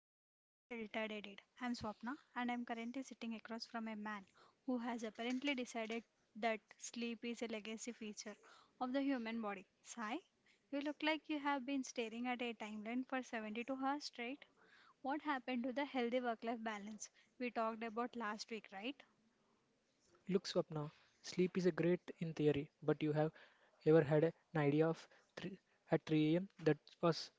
of the Unfiltered Edit. I'm Swapna and I'm currently sitting across from a man who has apparently decided that sleep is a legacy feature of the human body. Sai, you look like you have been staring at a timeline for 72 hours straight. What happened to the healthy work life balance we talked about last week, right? Look, Swapna, sleep is a great in theory, but you have ever had an idea of three at 3 a.m. that was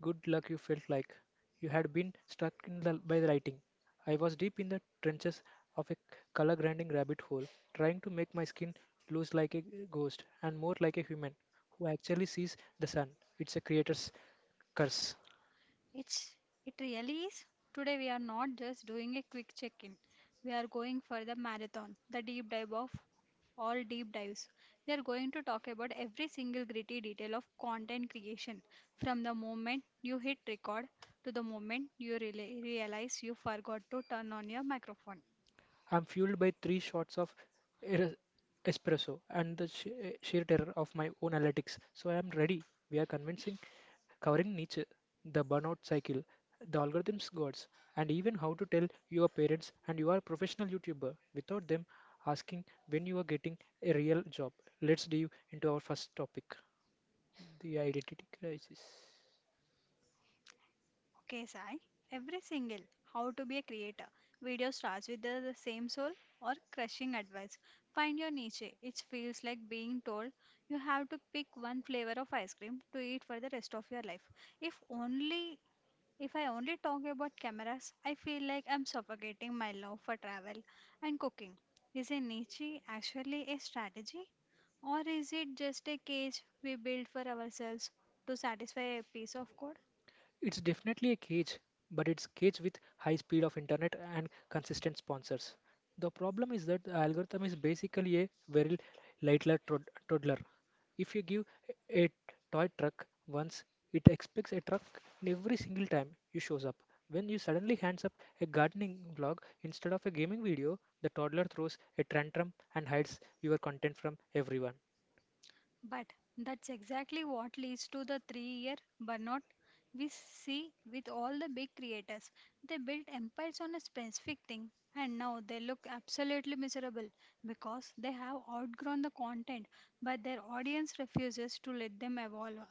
good luck you felt like. You had been struck in by the lightning. I was deep in the trenches of a color grinding rabbit hole, trying to make my skin lose like a ghost and more like a human who actually sees the sun. It's a creator's curse. It's it really is. Today we are not just doing a quick check-in. We are going for the marathon, the deep dive of all deep dives. We are going to talk about every single gritty detail of content creation from the moment you hit record to the moment you realize you forgot to turn on your microphone. I'm fueled by three shots of er- espresso and the sheer terror of my own analytics. So I am ready. We are covering Nietzsche, the burnout cycle, the algorithms gods, and even how to tell your parents and you are a professional YouTuber without them asking when you are getting a real job. Let's dive into our first topic, the identity crisis. Okay, Sai. Every single how to be a creator video starts with the same soul or crushing advice. Find your niche. It feels like being told you have to pick one flavor of ice cream to eat for the rest of your life. If only if I only talk about cameras, I feel like I'm suffocating my love for travel and cooking. Is a niche actually a strategy? Or is it just a cage we build for ourselves to satisfy a piece of code? It's definitely a cage, but it's cage with high speed of internet and consistent sponsors. The problem is that the algorithm is basically a very toddler. If you give a toy truck once, it expects a truck in every single time you shows up. When you suddenly hands up a gardening vlog instead of a gaming video, the toddler throws a tantrum and hides your content from everyone. But that's exactly what leads to the 3-year burnout we see with all the big creators. They built empires on a specific thing and now they look absolutely miserable because they have outgrown the content but their audience refuses to let them evolve.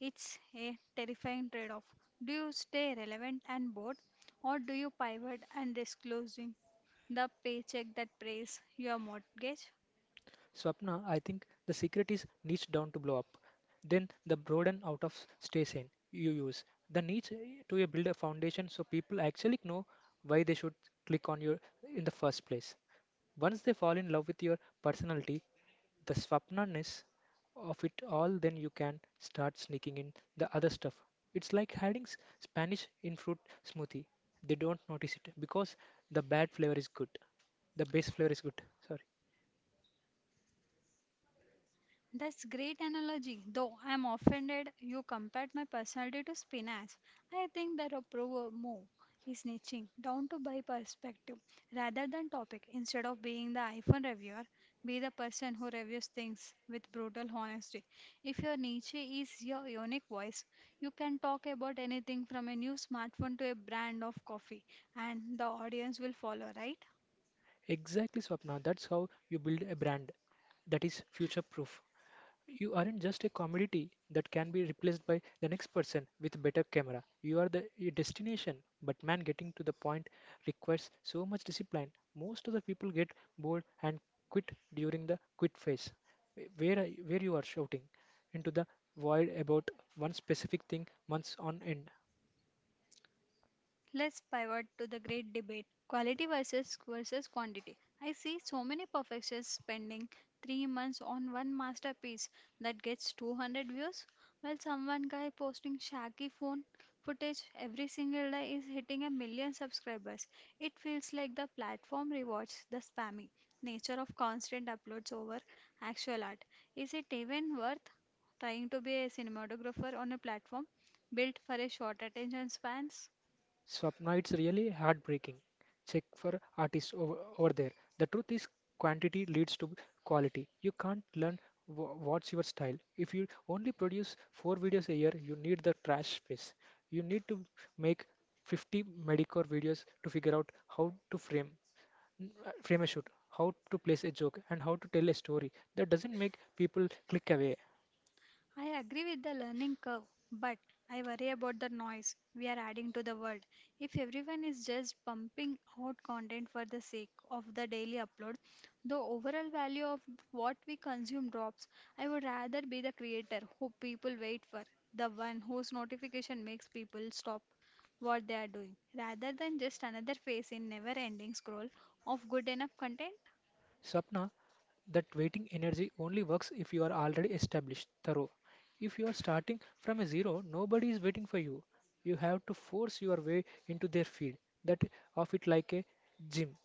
It's a terrifying trade off. Do you stay relevant and bored, or do you pivot and risk losing the paycheck that pays your mortgage? Swapna, I think the secret is niche down to blow up. Then the broaden out of stay sane you use. The niche to build a foundation so people actually know why they should click on your in the first place. Once they fall in love with your personality, the swapnaness of it all, then you can start sneaking in the other stuff. It's like hiding Spanish in fruit smoothie. They don't notice it because the bad flavor is good. The base flavor is good. Sorry. That's great analogy, though I'm offended you compared my personality to spinach. I think the approval move is niching down to buy perspective rather than topic. Instead of being the iPhone reviewer, be the person who reviews things with brutal honesty. If your niche is your unique voice, you can talk about anything from a new smartphone to a brand of coffee, and the audience will follow, right? Exactly, Swapna. That's how you build a brand that is future proof. You aren't just a commodity that can be replaced by the next person with a better camera. You are the a destination. But man, getting to the point requires so much discipline. Most of the people get bored and quit during the quit phase, where you are shouting into the void about one specific thing months on end. Let's pivot to the great debate quality versus quantity. I see so many perfectionists spending 3 months on one masterpiece that gets 200 views while someone guy posting shaky phone footage every single day is hitting a million subscribers. It feels like the platform rewards the spammy nature of constant uploads over actual art. Is it even worth trying to be a cinematographer on a platform built for a short attention spans? Swapnite's really heartbreaking. Check for artists over there. The truth is, quantity leads to quality. You can't learn what's your style. If you only produce four videos a year, you need the trash space. You need to make 50 medicore videos to figure out how to frame frame a shoot, how to place a joke, and how to tell a story. That doesn't make people click away. I agree with the learning curve, but I worry about the noise we are adding to the world. If everyone is just pumping out content for the sake of the daily upload, the overall value of what we consume drops. I would rather be the creator who people wait for, the one whose notification makes people stop what they are doing, rather than just another face in never ending scroll of good enough content. Sapna, that waiting energy only works if you are already established, thorough. If you are starting from a zero, nobody is waiting for you. You have to force your way into their field. That of it like a gym.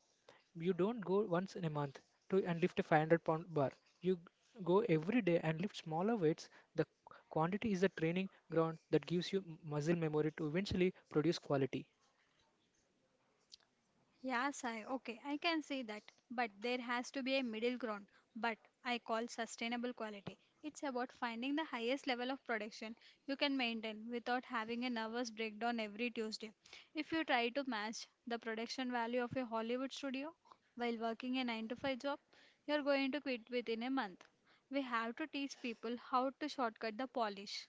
You don't go once in a month to and lift a 500 pound bar. You go every day and lift smaller weights. The quantity is the training ground that gives you muscle memory to eventually produce quality. Yeah, Sai, okay, I can see that. But there has to be a middle ground, but I call sustainable quality. It's about finding the highest level of production you can maintain without having a nervous breakdown every Tuesday. If you try to match the production value of a Hollywood studio while working a 9 to 5 job, you're going to quit within a month. We have to teach people how to shortcut the polish.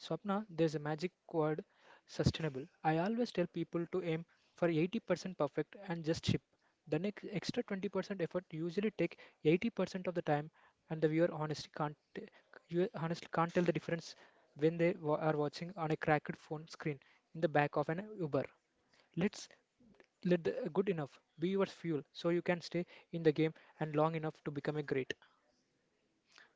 Swapna, there's a magic word sustainable. I always tell people to aim for 80% perfect and just ship. The next extra 20% effort usually take 80% of the time, and the viewer honestly can't t- you honestly can't tell the difference when they are watching on a cracked phone screen in the back of an Uber. Let's let the good enough be your fuel so you can stay in the game and long enough to become a great.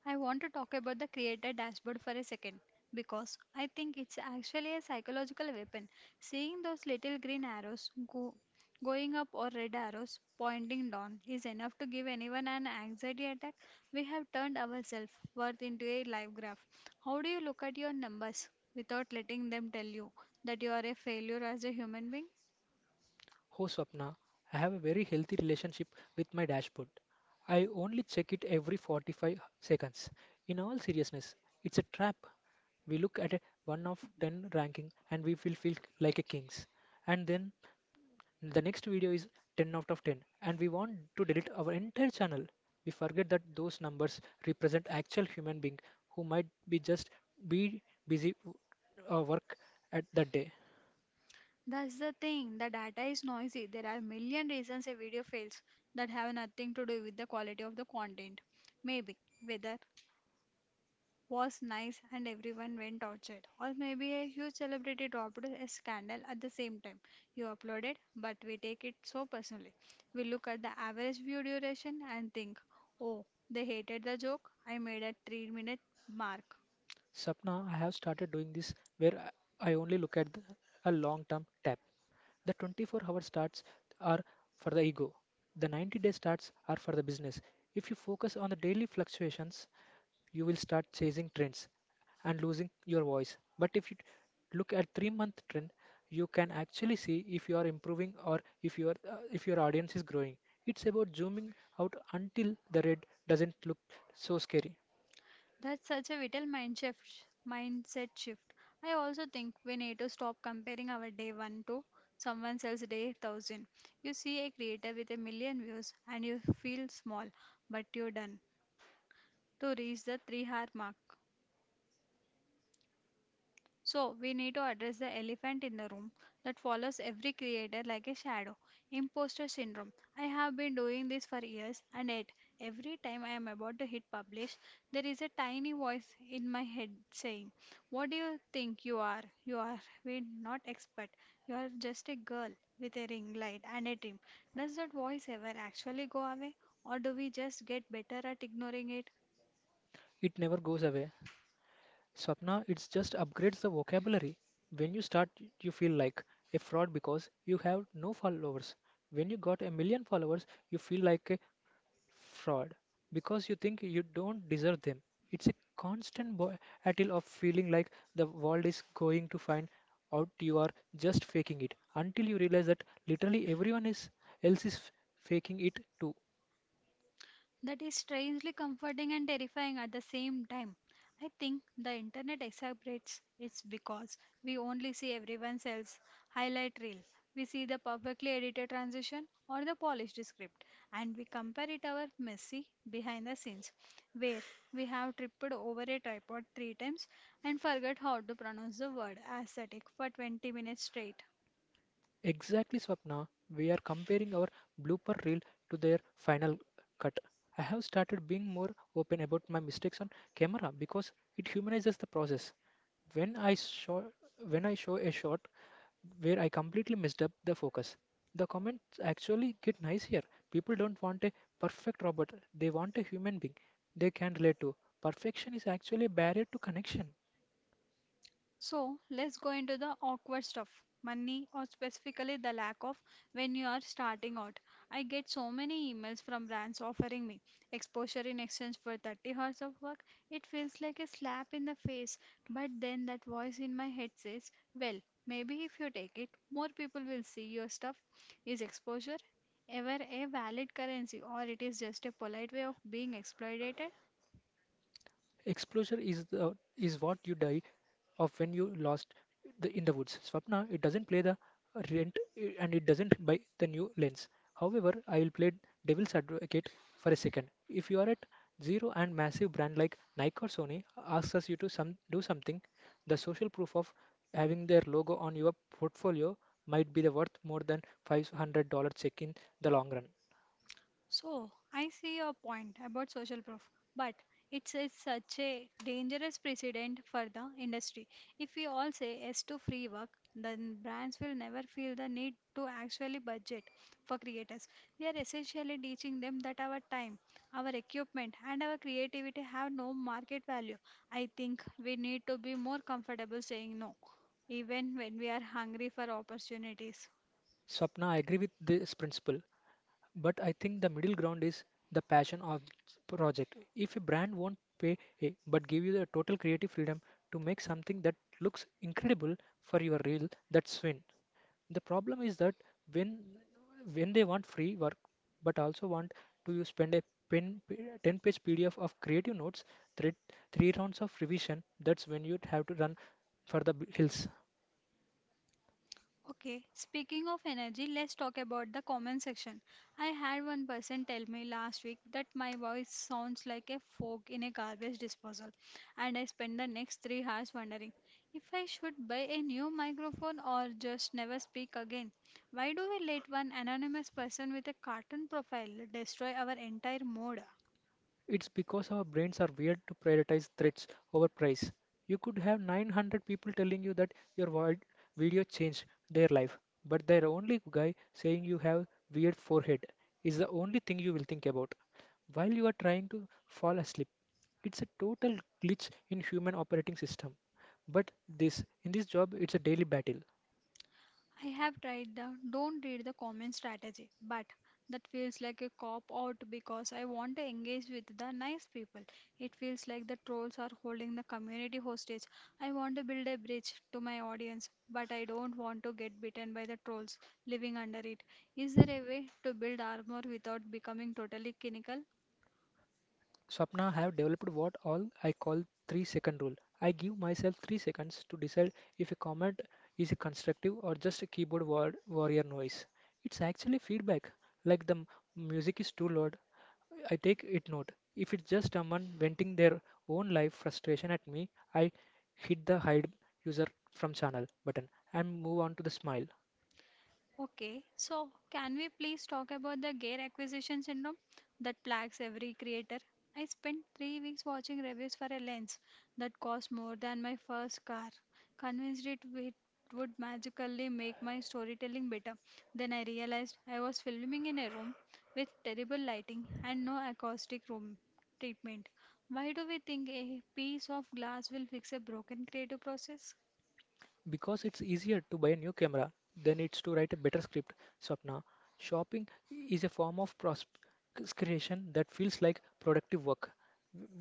I want to talk about the creator dashboard for a second because I think it's actually a psychological weapon. Seeing those little green arrows go going up, or red arrows pointing down, is enough to give anyone an anxiety attack. We have turned our self worth into a life graph. How do you look at your numbers without letting them tell you that you are a failure as a human being? Oh, Swapna, I have a very healthy relationship with my dashboard. I only check it every 45 seconds. In all seriousness, it's a trap. We look at a 1 of 10 ranking and we feel like a kings. And then the next video is 10 out of 10 and we want to delete our entire channel. We forget that those numbers represent actual human being who might be just be busy work at that day. That's the thing, the data is noisy. There are million reasons a video fails that have nothing to do with the quality of the content. Maybe weather was nice and everyone went outside, or maybe a huge celebrity dropped a scandal at the same time you uploaded, but we take it so personally. We look at the average view duration and think, oh, they hated the joke I made at 3-minute minute mark. Sapna, I have started doing this where I only look at a long term tab. The 24-hour starts are for the ego, the 90-day starts are for the business. If you focus on the daily fluctuations, you will start chasing trends and losing your voice. But if you look at 3-month trend, you can actually see if you are improving or if your audience is growing. It's about zooming out until the red doesn't look so scary. That's such a vital mindset shift. I also think we need to stop comparing our day one to someone else's day thousand. You see a creator with a million views and you feel small, but you're done to reach the 3-hour mark. So, we need to address the elephant in the room that follows every creator like a shadow imposter syndrome. I have been doing this for years, and yet, every time I am about to hit publish, there is a tiny voice in my head saying, what do you think you are? You are we not expert. You are just a girl with a ring light and a trim. Does that voice ever actually go away, or do we just get better at ignoring it? It never goes away. Swapna, it's just upgrades the vocabulary. When you start, you feel like a fraud because you have no followers. When you got a million followers, you feel like a fraud because you think you don't deserve them. It's a constant battle of feeling like the world is going to find out you are just faking it until you realize that literally else is faking it too. That is strangely comforting and terrifying at the same time. I think the internet exacerbates it's because we only see everyone else's highlight reel. We see the perfectly edited transition or the polished script, and we compare it our messy behind the scenes, where we have tripped over a tripod three times and forgot how to pronounce the word aesthetic for 20 minutes straight. Exactly, Swapna. We are comparing our blooper reel to their final cut. I have started being more open about my mistakes on camera because it humanizes the process. When I show when I show a shot where I completely messed up the focus, the comments actually get nicer. People don't want a perfect robot; they want a human being they can relate to. Perfection is actually a barrier to connection. So let's go into the awkward stuff money, or specifically the lack of, when you are starting out. I get so many emails from brands offering me exposure in exchange for 30 hours of work. It feels like a slap in the face, but then that voice in my head says, well, maybe if you take it, more people will see your stuff. Is exposure ever a valid currency, or it is just a polite way of being exploited? Exposure is is what you die of when you lost the in the woods. Swapna, it doesn't play the rent and it doesn't buy the new lens. However, I will play devil's advocate for a second. If you are at zero and massive brand like Nike or Sony asks us you to some do something, the social proof of having their logo on your portfolio might be the worth more than $500 check in the long run. So, I see your point about social proof, but it's such a dangerous precedent for the industry. If we all say yes to free work, then brands will never feel the need to actually budget for creators. We are essentially teaching them that our time, our equipment, and our creativity have no market value. I think we need to be more comfortable saying no, even when we are hungry for opportunities. Swapna, I agree with this principle. But I think the middle ground is the passion of project. If a brand won't pay a but give you the total creative freedom to make something that looks incredible for your reel, that's win. The problem is that when when they want free work but also want to you spend a pen, 10-page PDF of creative notes, three, three rounds of revision, that's when you'd have to run for the hills. Okay, speaking of energy, let's talk about the comment section. I had one person tell me last week that my voice sounds like a fork in a garbage disposal, and I spent the next 3 hours wondering if I should buy a new microphone or just never speak again. Why do we let one anonymous person with a cartoon profile destroy our entire mood? It's because our brains are weird to prioritize threats over price. You could have 900 people telling you that your video changed their life, but their only guy saying you have weird forehead is the only thing you will think about while you are trying to fall asleep. It's a total glitch in human operating system. But this in this job it's a daily battle. I have tried the don't read the comment strategy, but that feels like a cop out because I want to engage with the nice people. It feels like the trolls are holding the community hostage. I want to build a bridge to my audience, but I don't want to get bitten by the trolls living under it. Is there a way to build armor without becoming totally cynical? Swapna I have developed what all I call 3 second rule. I give myself 3 seconds to decide if a comment is a constructive or just a warrior noise. It's actually feedback. Like the music is too loud, I take it note. If it's just someone venting their own life frustration at me, I hit the hide user from channel button and move on to the smile. Okay, so can we please talk about the gear acquisition syndrome that plagues every creator? I spent 3 weeks watching reviews for a lens that cost more than my first car, convinced it would magically make my storytelling better. Then I realized I was filming in a room with terrible lighting and no acoustic room treatment. Why do we think a piece of glass will fix a broken creative process? Because it's easier to buy a new camera than it's to write a better script, Swapna. Shopping is a form of prosperation that feels like productive work.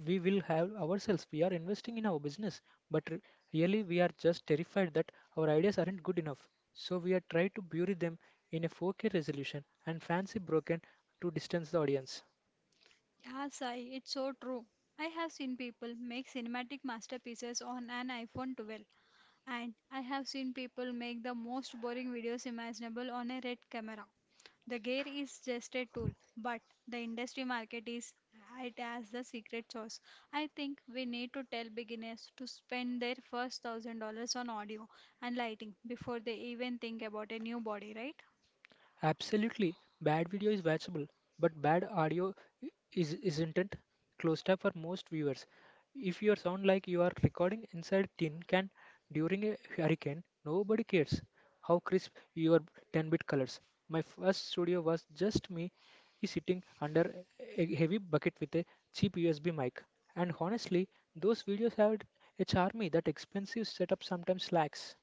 We will have ourselves. We are investing in our business, but really we are just terrified that our ideas aren't good enough. So we are trying to bury them in a 4K resolution and fancy broken to distance the audience. Yeah, Sai, it's so true. I have seen people make cinematic masterpieces on an iPhone 12, and I have seen people make the most boring videos imaginable on a red camera. The gear is just a tool, but the industry market is it as the secret sauce. I think we need to tell beginners to spend their first $1,000 on audio and lighting before they even think about a new body, right? Absolutely, bad video is watchable, but bad audio is isn't it? Closed up for most viewers. If your sound like you are recording inside tin can during a hurricane, nobody cares how crisp your 10-bit colors. My first studio was just me sitting under a heavy bucket with a cheap USB mic. And honestly, those videos had a charm that expensive setup sometimes lacks.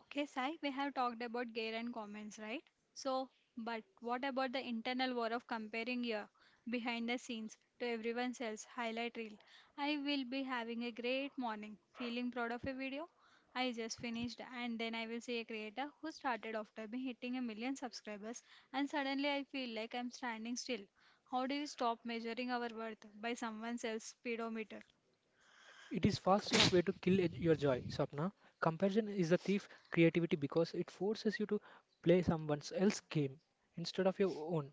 Okay, Sai, we have talked about gear and comments, right? So, but what about the internal war of comparing your behind the scenes to everyone else highlight reel? I will be having a great morning, feeling proud of a video I just finished, and then I will see a creator who started after me hitting a million subscribers, and suddenly I feel like I'm standing still. How do we stop measuring our worth by someone else's speedometer? It is fastest way to your joy, Sapna. Comparison is the thief creativity because it forces you to play someone else's game instead of your own.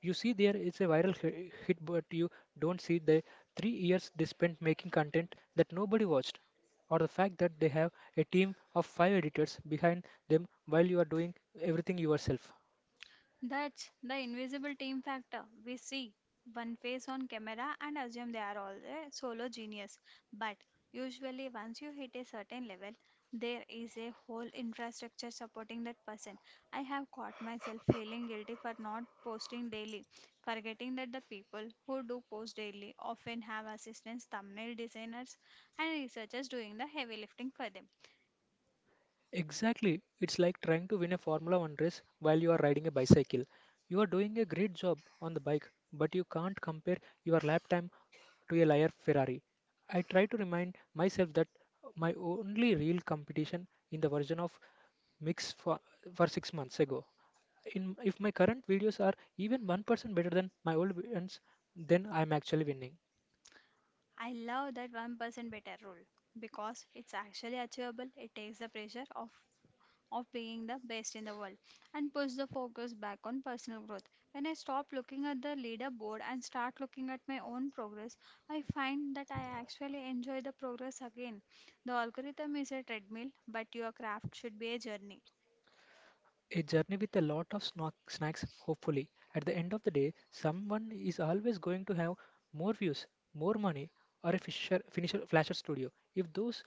You see there is a viral hit but you don't see the 3 years they spent making content that nobody watched or the fact that they have a team of 5 editors behind them while you are doing everything yourself. That's the invisible team factor. We see one face on camera and assume they are all a solo genius. But usually, once you hit a certain level, there is a whole infrastructure supporting that person. I have caught myself feeling guilty for not posting daily, forgetting that the people who do post daily often have assistants, thumbnail designers, and researchers doing the heavy lifting for them. Exactly. It's like trying to win a Formula One race while you are riding a bicycle. You are doing a great job on the bike, but you can't compare your lap time to a liar Ferrari. I try to remind myself that my only real competition in the version of mix for 6 months ago. In if my current videos are even 1% better than my old ones, then I'm actually winning. I love that 1% better rule because it's actually achievable. It takes the pressure off of being the best in the world and puts the focus back on personal growth. When I stop looking at the leaderboard and start looking at my own progress, I find that I actually enjoy the progress again. The algorithm is a treadmill, but your craft should be a journey. A journey with a lot of snock snacks, hopefully. At the end of the day, someone is always going to have more views, more money, or a flasher studio. If those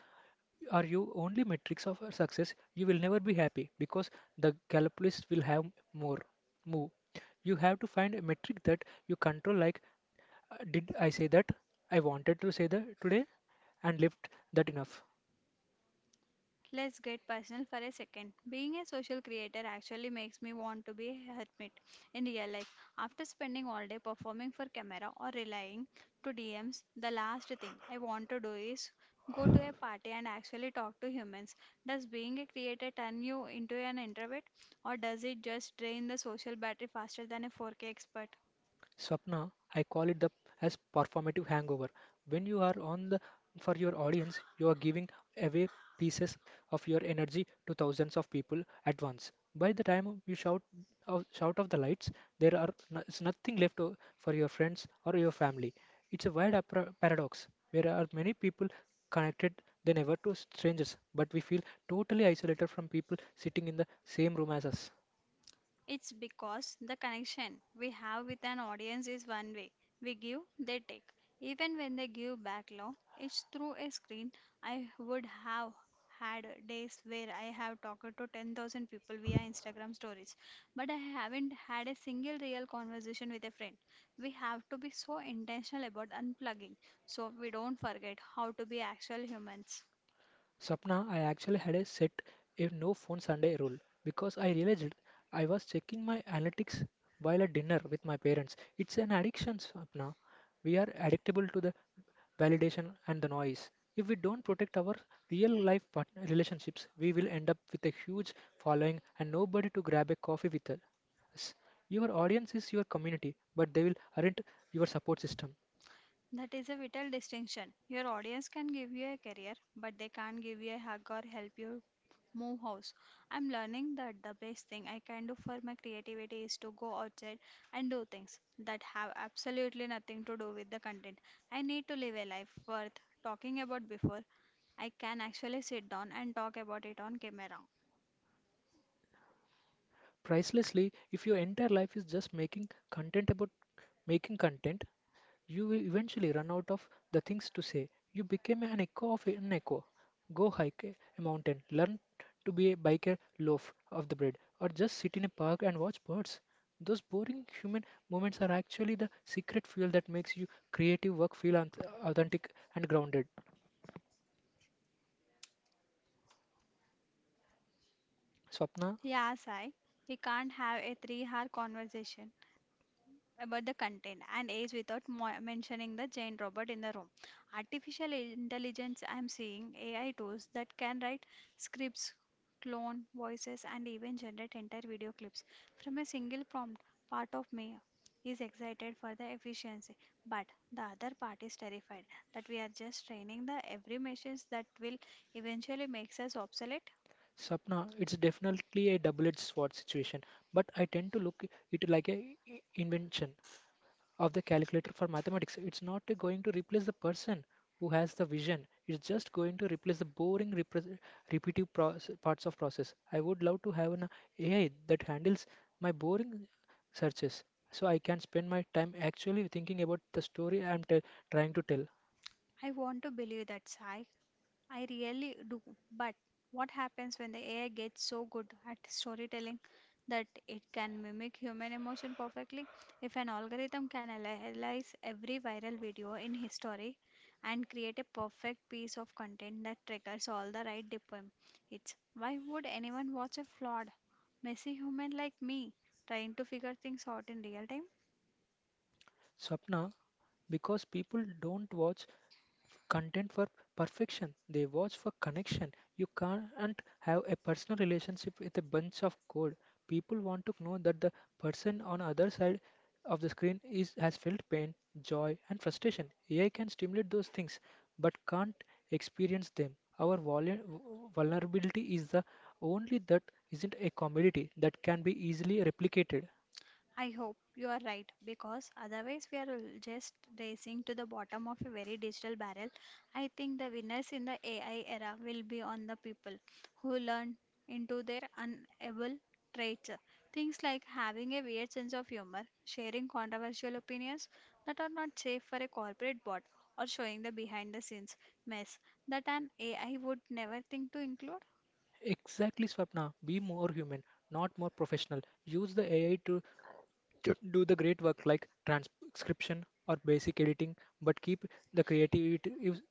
are your only metrics of success, you will never be happy because the calculus will have more move. You have to find a metric that you control. Like, did I say that I wanted to say that today, and left that enough? Let's get personal for a second. Being a social creator actually makes me want to be a hermit in real life. After spending all day performing for camera or relying to DMs, the last thing I want to do is go to a party and actually talk to humans. Does being a creator turn you into an introvert, or does it just drain the social battery faster than a 4K expert? Swapna, I call it the as performative hangover. When you are on the for your audience, you are giving away pieces of your energy to thousands of people at once. By the time you shout off the lights, there are no, is nothing left for your friends or your family. It's a weird paradox where are many people connected than ever to strangers, but we feel totally isolated from people sitting in the same room as us. It's because the connection we have with an audience is one way. We give, they take. Even when they give back love, it's through a screen. I would have had days where I have talked to 10,000 people via Instagram stories, but I haven't had a single real conversation with a friend. We have to be so intentional about unplugging so we don't forget how to be actual humans. Sapna, I actually had a set a no phone Sunday rule because I realized I was checking my analytics while at dinner with my parents. It's an addiction, Sapna. We are addictable to the validation and the noise. If we don't protect our real life partner relationships, we will end up with a huge following and nobody to grab a coffee with us. Your audience is your community, but they will aren't your support system. That is a vital distinction. Your audience can give you a career, but they can't give you a hug or help you move house. I'm learning that the best thing I can do for my creativity is to go outside and do things that have absolutely nothing to do with the content. I need to live a life worth talking about before I can actually sit down and talk about it on camera. Pricelessly if your entire life is just making content about making content, you will eventually run out of the things to say. You became an echo of an echo. Go hike a mountain, learn to be a bike a loaf of the bread, or just sit in a park and watch birds. Those boring human moments are actually the secret fuel that makes your creative work feel authentic and grounded. Swapna, Yeah, Sai, we can't have a 3 hour conversation about the content and age without mentioning the giant robot in the room. Artificial intelligence, I'm seeing AI tools that can write scripts, clone voices, and even generate entire video clips from a single prompt. Part of me is excited for the efficiency, but the other part is terrified that we are just training the every machines that will eventually makes us obsolete. Swapna, it's definitely a double-edged sword situation, but I tend to look it like a invention of the calculator for mathematics. It's not going to replace the person who has the vision. It's just going to replace the boring, repres repetitive parts of process. I would love to have an AI that handles my boring searches, so I can spend my time actually thinking about the story trying to tell. I want to believe that sci I really do. But what happens when the AI gets so good at storytelling that it can mimic human emotion perfectly? If an algorithm can analyze every viral video in history and create a perfect piece of content that triggers all the right dopamine, why would anyone watch a flawed, messy human like me trying to figure things out in real time? Swapna, because people don't watch content for perfection. They watch for connection. You can't have a personal relationship with a bunch of code. People want to know that the person on other side of the screen is has felt pain, joy, and frustration. AI can stimulate those things, but can't experience them. Our vulnerability is the only that isn't a commodity that can be easily replicated. I hope you are right, because otherwise we are just racing to the bottom of a very digital barrel. I think the winners in the AI era will be on the people who learn into their unable traits. Things like having a weird sense of humor, sharing controversial opinions that are not safe for a corporate bot, or showing the behind the scenes mess that an AI would never think to include. Exactly, Swapna. Be more human, not more professional. Use the AI to do the great work like transcription or basic editing, but keep the creative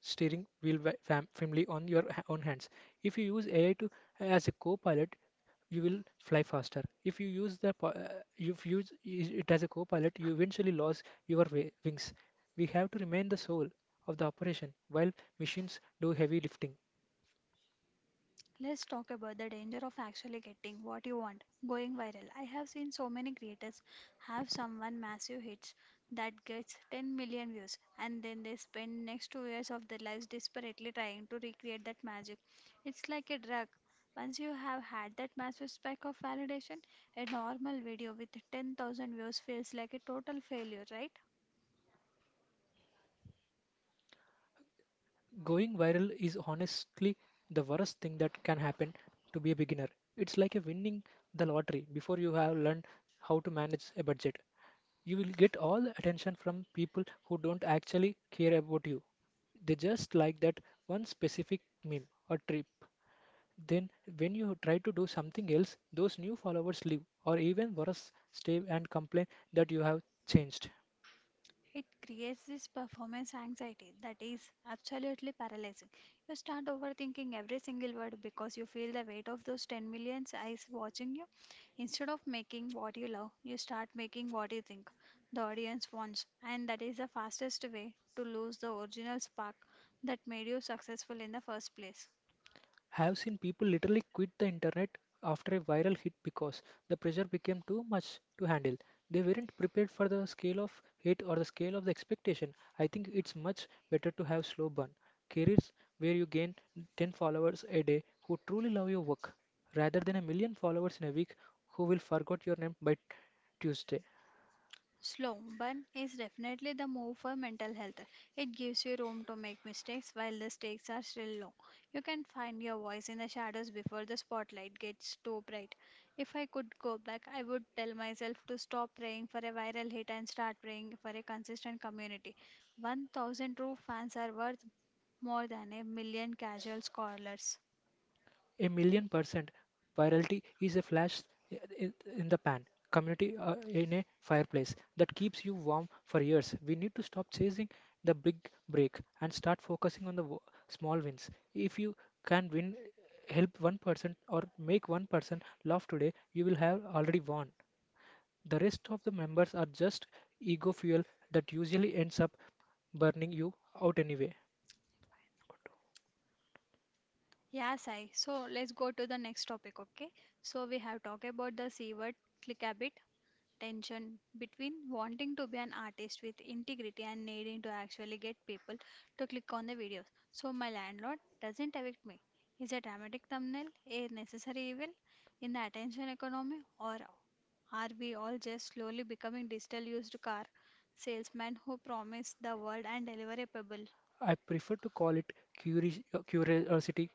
steering wheel firmly on your own hands. If you use AI to as a co-pilot, you will fly faster. If you use the po- if you use it as a co-pilot, you eventually lose your wings. We have to remain the soul of the operation while machines do heavy lifting. Let's talk about the danger of actually getting what you want: going viral. I have seen so many creators have someone massive hits that gets 10 million views, and then they spend next 2 years of their lives desperately trying to recreate that magic. It's like a drug. Once you have had that massive spike of validation, a normal video with 10,000 views feels like a total failure, right? Going viral is honestly the worst thing that can happen to be a beginner. It's like a winning the lottery before you have learned how to manage a budget. You will get all the attention from people who don't actually care about you. They just like that one specific meme or trip. Then, when you try to do something else, those new followers leave, or even worse, stay and complain that you have changed. It creates this performance anxiety that is absolutely paralyzing. You start overthinking every single word because you feel the weight of those 10 million eyes watching you. Instead of making what you love, you start making what you think the audience wants, and that is the fastest way to lose the original spark that made you successful in the first place. Have seen people literally quit the internet after a viral hit because the pressure became too much to handle. They weren't prepared for the scale of hit or the scale of the expectation. I think it's much better to have slow burn careers where you gain 10 followers a day who truly love your work rather than a million followers in a week who will forget your name by Tuesday. Slow burn is definitely the move for mental health. It gives you room to make mistakes while the stakes are still low. You can find your voice in the shadows before the spotlight gets too bright. If I could go back, I would tell myself to stop praying for a viral hit and start praying for a consistent community. 1,000 true fans are worth more than a million casual scholars. A million percent. Virality is a flash in the pan, community in a fireplace that keeps you warm for years. We need to stop chasing the big break and start focusing on the small wins. If you can win, help one person or make one person laugh today, you will have already won. The rest of the members are just ego fuel that usually ends up burning you out anyway. Yeah, Sai. So let's go to the next topic, okay? So we have talked about the C word, click a bit, tension between wanting to be an artist with integrity and needing to actually get people to click on the videos. So my landlord doesn't evict me. Is a dramatic thumbnail a necessary evil in the attention economy, or are we all just slowly becoming digital used car salesmen who promise the world and deliver a pebble? I prefer to call it curiosity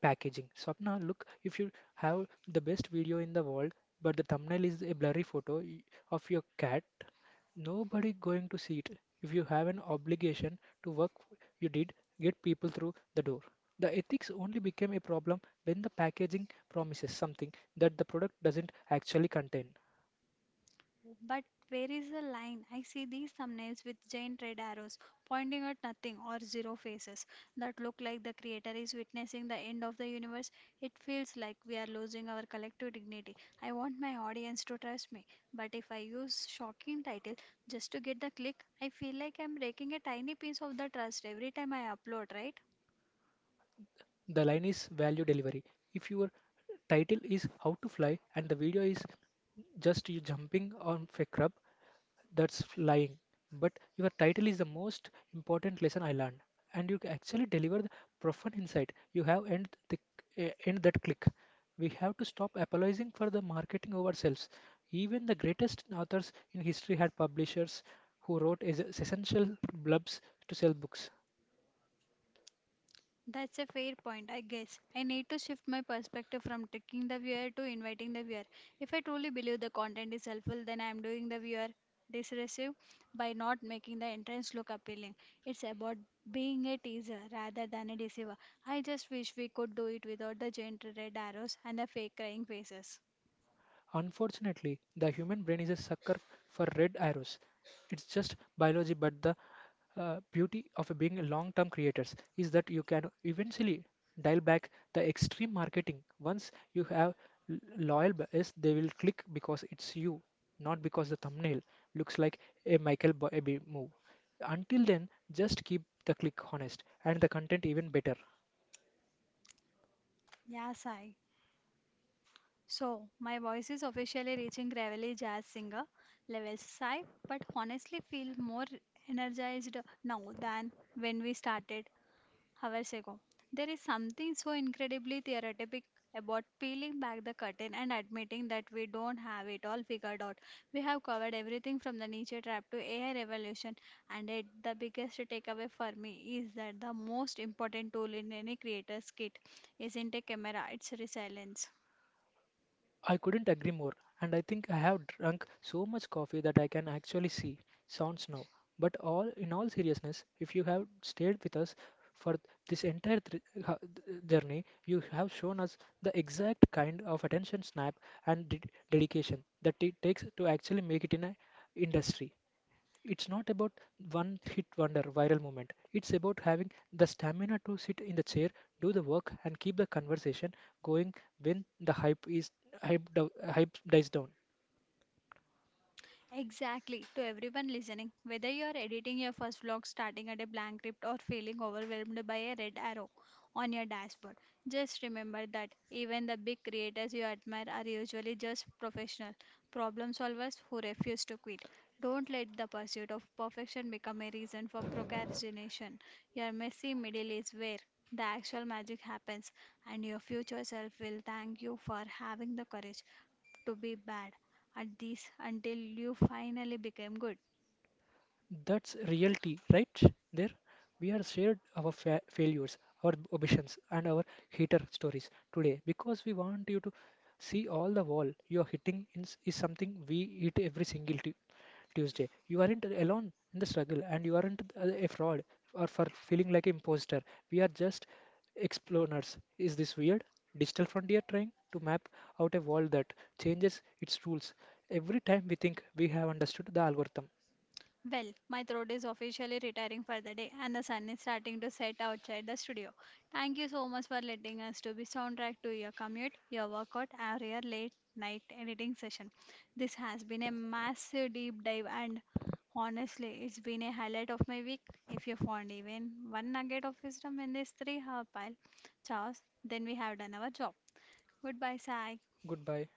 packaging. Swapna, look, if you have the best video in the world, but the thumbnail is a blurry photo of your cat, nobody going to see it. If you have an obligation to work you did, get people through the door. The ethics only became a problem when the packaging promises something that the product doesn't actually contain. But where is the line? I see these thumbnails with giant red arrows pointing at nothing or zero faces that look like the creator is witnessing the end of the universe. It feels like we are losing our collective dignity. I want my audience to trust me, but if I use shocking title just to get the click, I feel like I'm breaking a tiny piece of the trust every time I upload, right? The line is value delivery. If your title is How to Fly and the video is just you jumping on fake crab, that's lying. But your title is the most important lesson I learned, and you actually deliver the profound insight, you have end the end that click. We have to stop apologizing for the marketing of ourselves. Even the greatest authors in history had publishers who wrote essential blubs to sell books. That's a fair point, I guess. I need to shift my perspective from tricking the viewer to inviting the viewer. If I truly believe the content is helpful, then I'm doing the viewer disservice by not making the entrance look appealing. It's about being a teaser rather than a deceiver. I just wish we could do it without the giant red arrows and the fake crying faces. Unfortunately, the human brain is a sucker for red arrows. It's just biology, but the beauty of being long-term creators is that you can eventually dial back the extreme marketing. Once you have loyal buyers, they will click because it's you, not because the thumbnail looks like a Michael Bay move. Until then, just keep the click honest and the content even better. Yeah, Sai. So, my voice is officially reaching gravelly jazz singer levels sigh, but honestly feel more energized now than when we started hours ago. There is something so incredibly therapeutic about peeling back the curtain and admitting that we don't have it all figured out. We have covered everything from the nature trap to AI revolution, and it, the biggest takeaway for me is that the most important tool in any creator's kit isn't a camera, it's resilience. I couldn't agree more, and I think I have drunk so much coffee that I can actually see. Sounds now. But all in all seriousness, if you have stayed with us for this entire journey, you have shown us the exact kind of attention snap and dedication that it takes to actually make it in an industry. It's not about one hit wonder viral moment. It's about having the stamina to sit in the chair, do the work, and keep the conversation going when the hype is hype, do- hype dies down. Exactly. To everyone listening, whether you are editing your first vlog, starting at a blank script, or feeling overwhelmed by a red arrow on your dashboard, just remember that even the big creators you admire are usually just professional problem solvers who refuse to quit. Don't let the pursuit of perfection become a reason for procrastination. Your messy middle is where the actual magic happens, and your future self will thank you for having the courage to be bad at this until you finally became good. That's reality, right? There, we are shared our failures, our ambitions, and our hater stories today because we want you to see all the wall you are hitting in is something we eat every single Tuesday. You aren't alone in the struggle, and you aren't a fraud or for feeling like an imposter. We are just explorers. Is this weird? Digital frontier trying to map out a world that changes its rules every time we think we have understood the algorithm. Well, my throat is officially retiring for the day and the sun is starting to set outside the studio. Thank you so much for letting us to be soundtrack to your commute, your workout, or your late night editing session. This has been a massive deep dive, and honestly, it's been a highlight of my week. If you found even one nugget of wisdom in this three-hour pile, Charles, then we have done our job. Goodbye, Sai. Goodbye.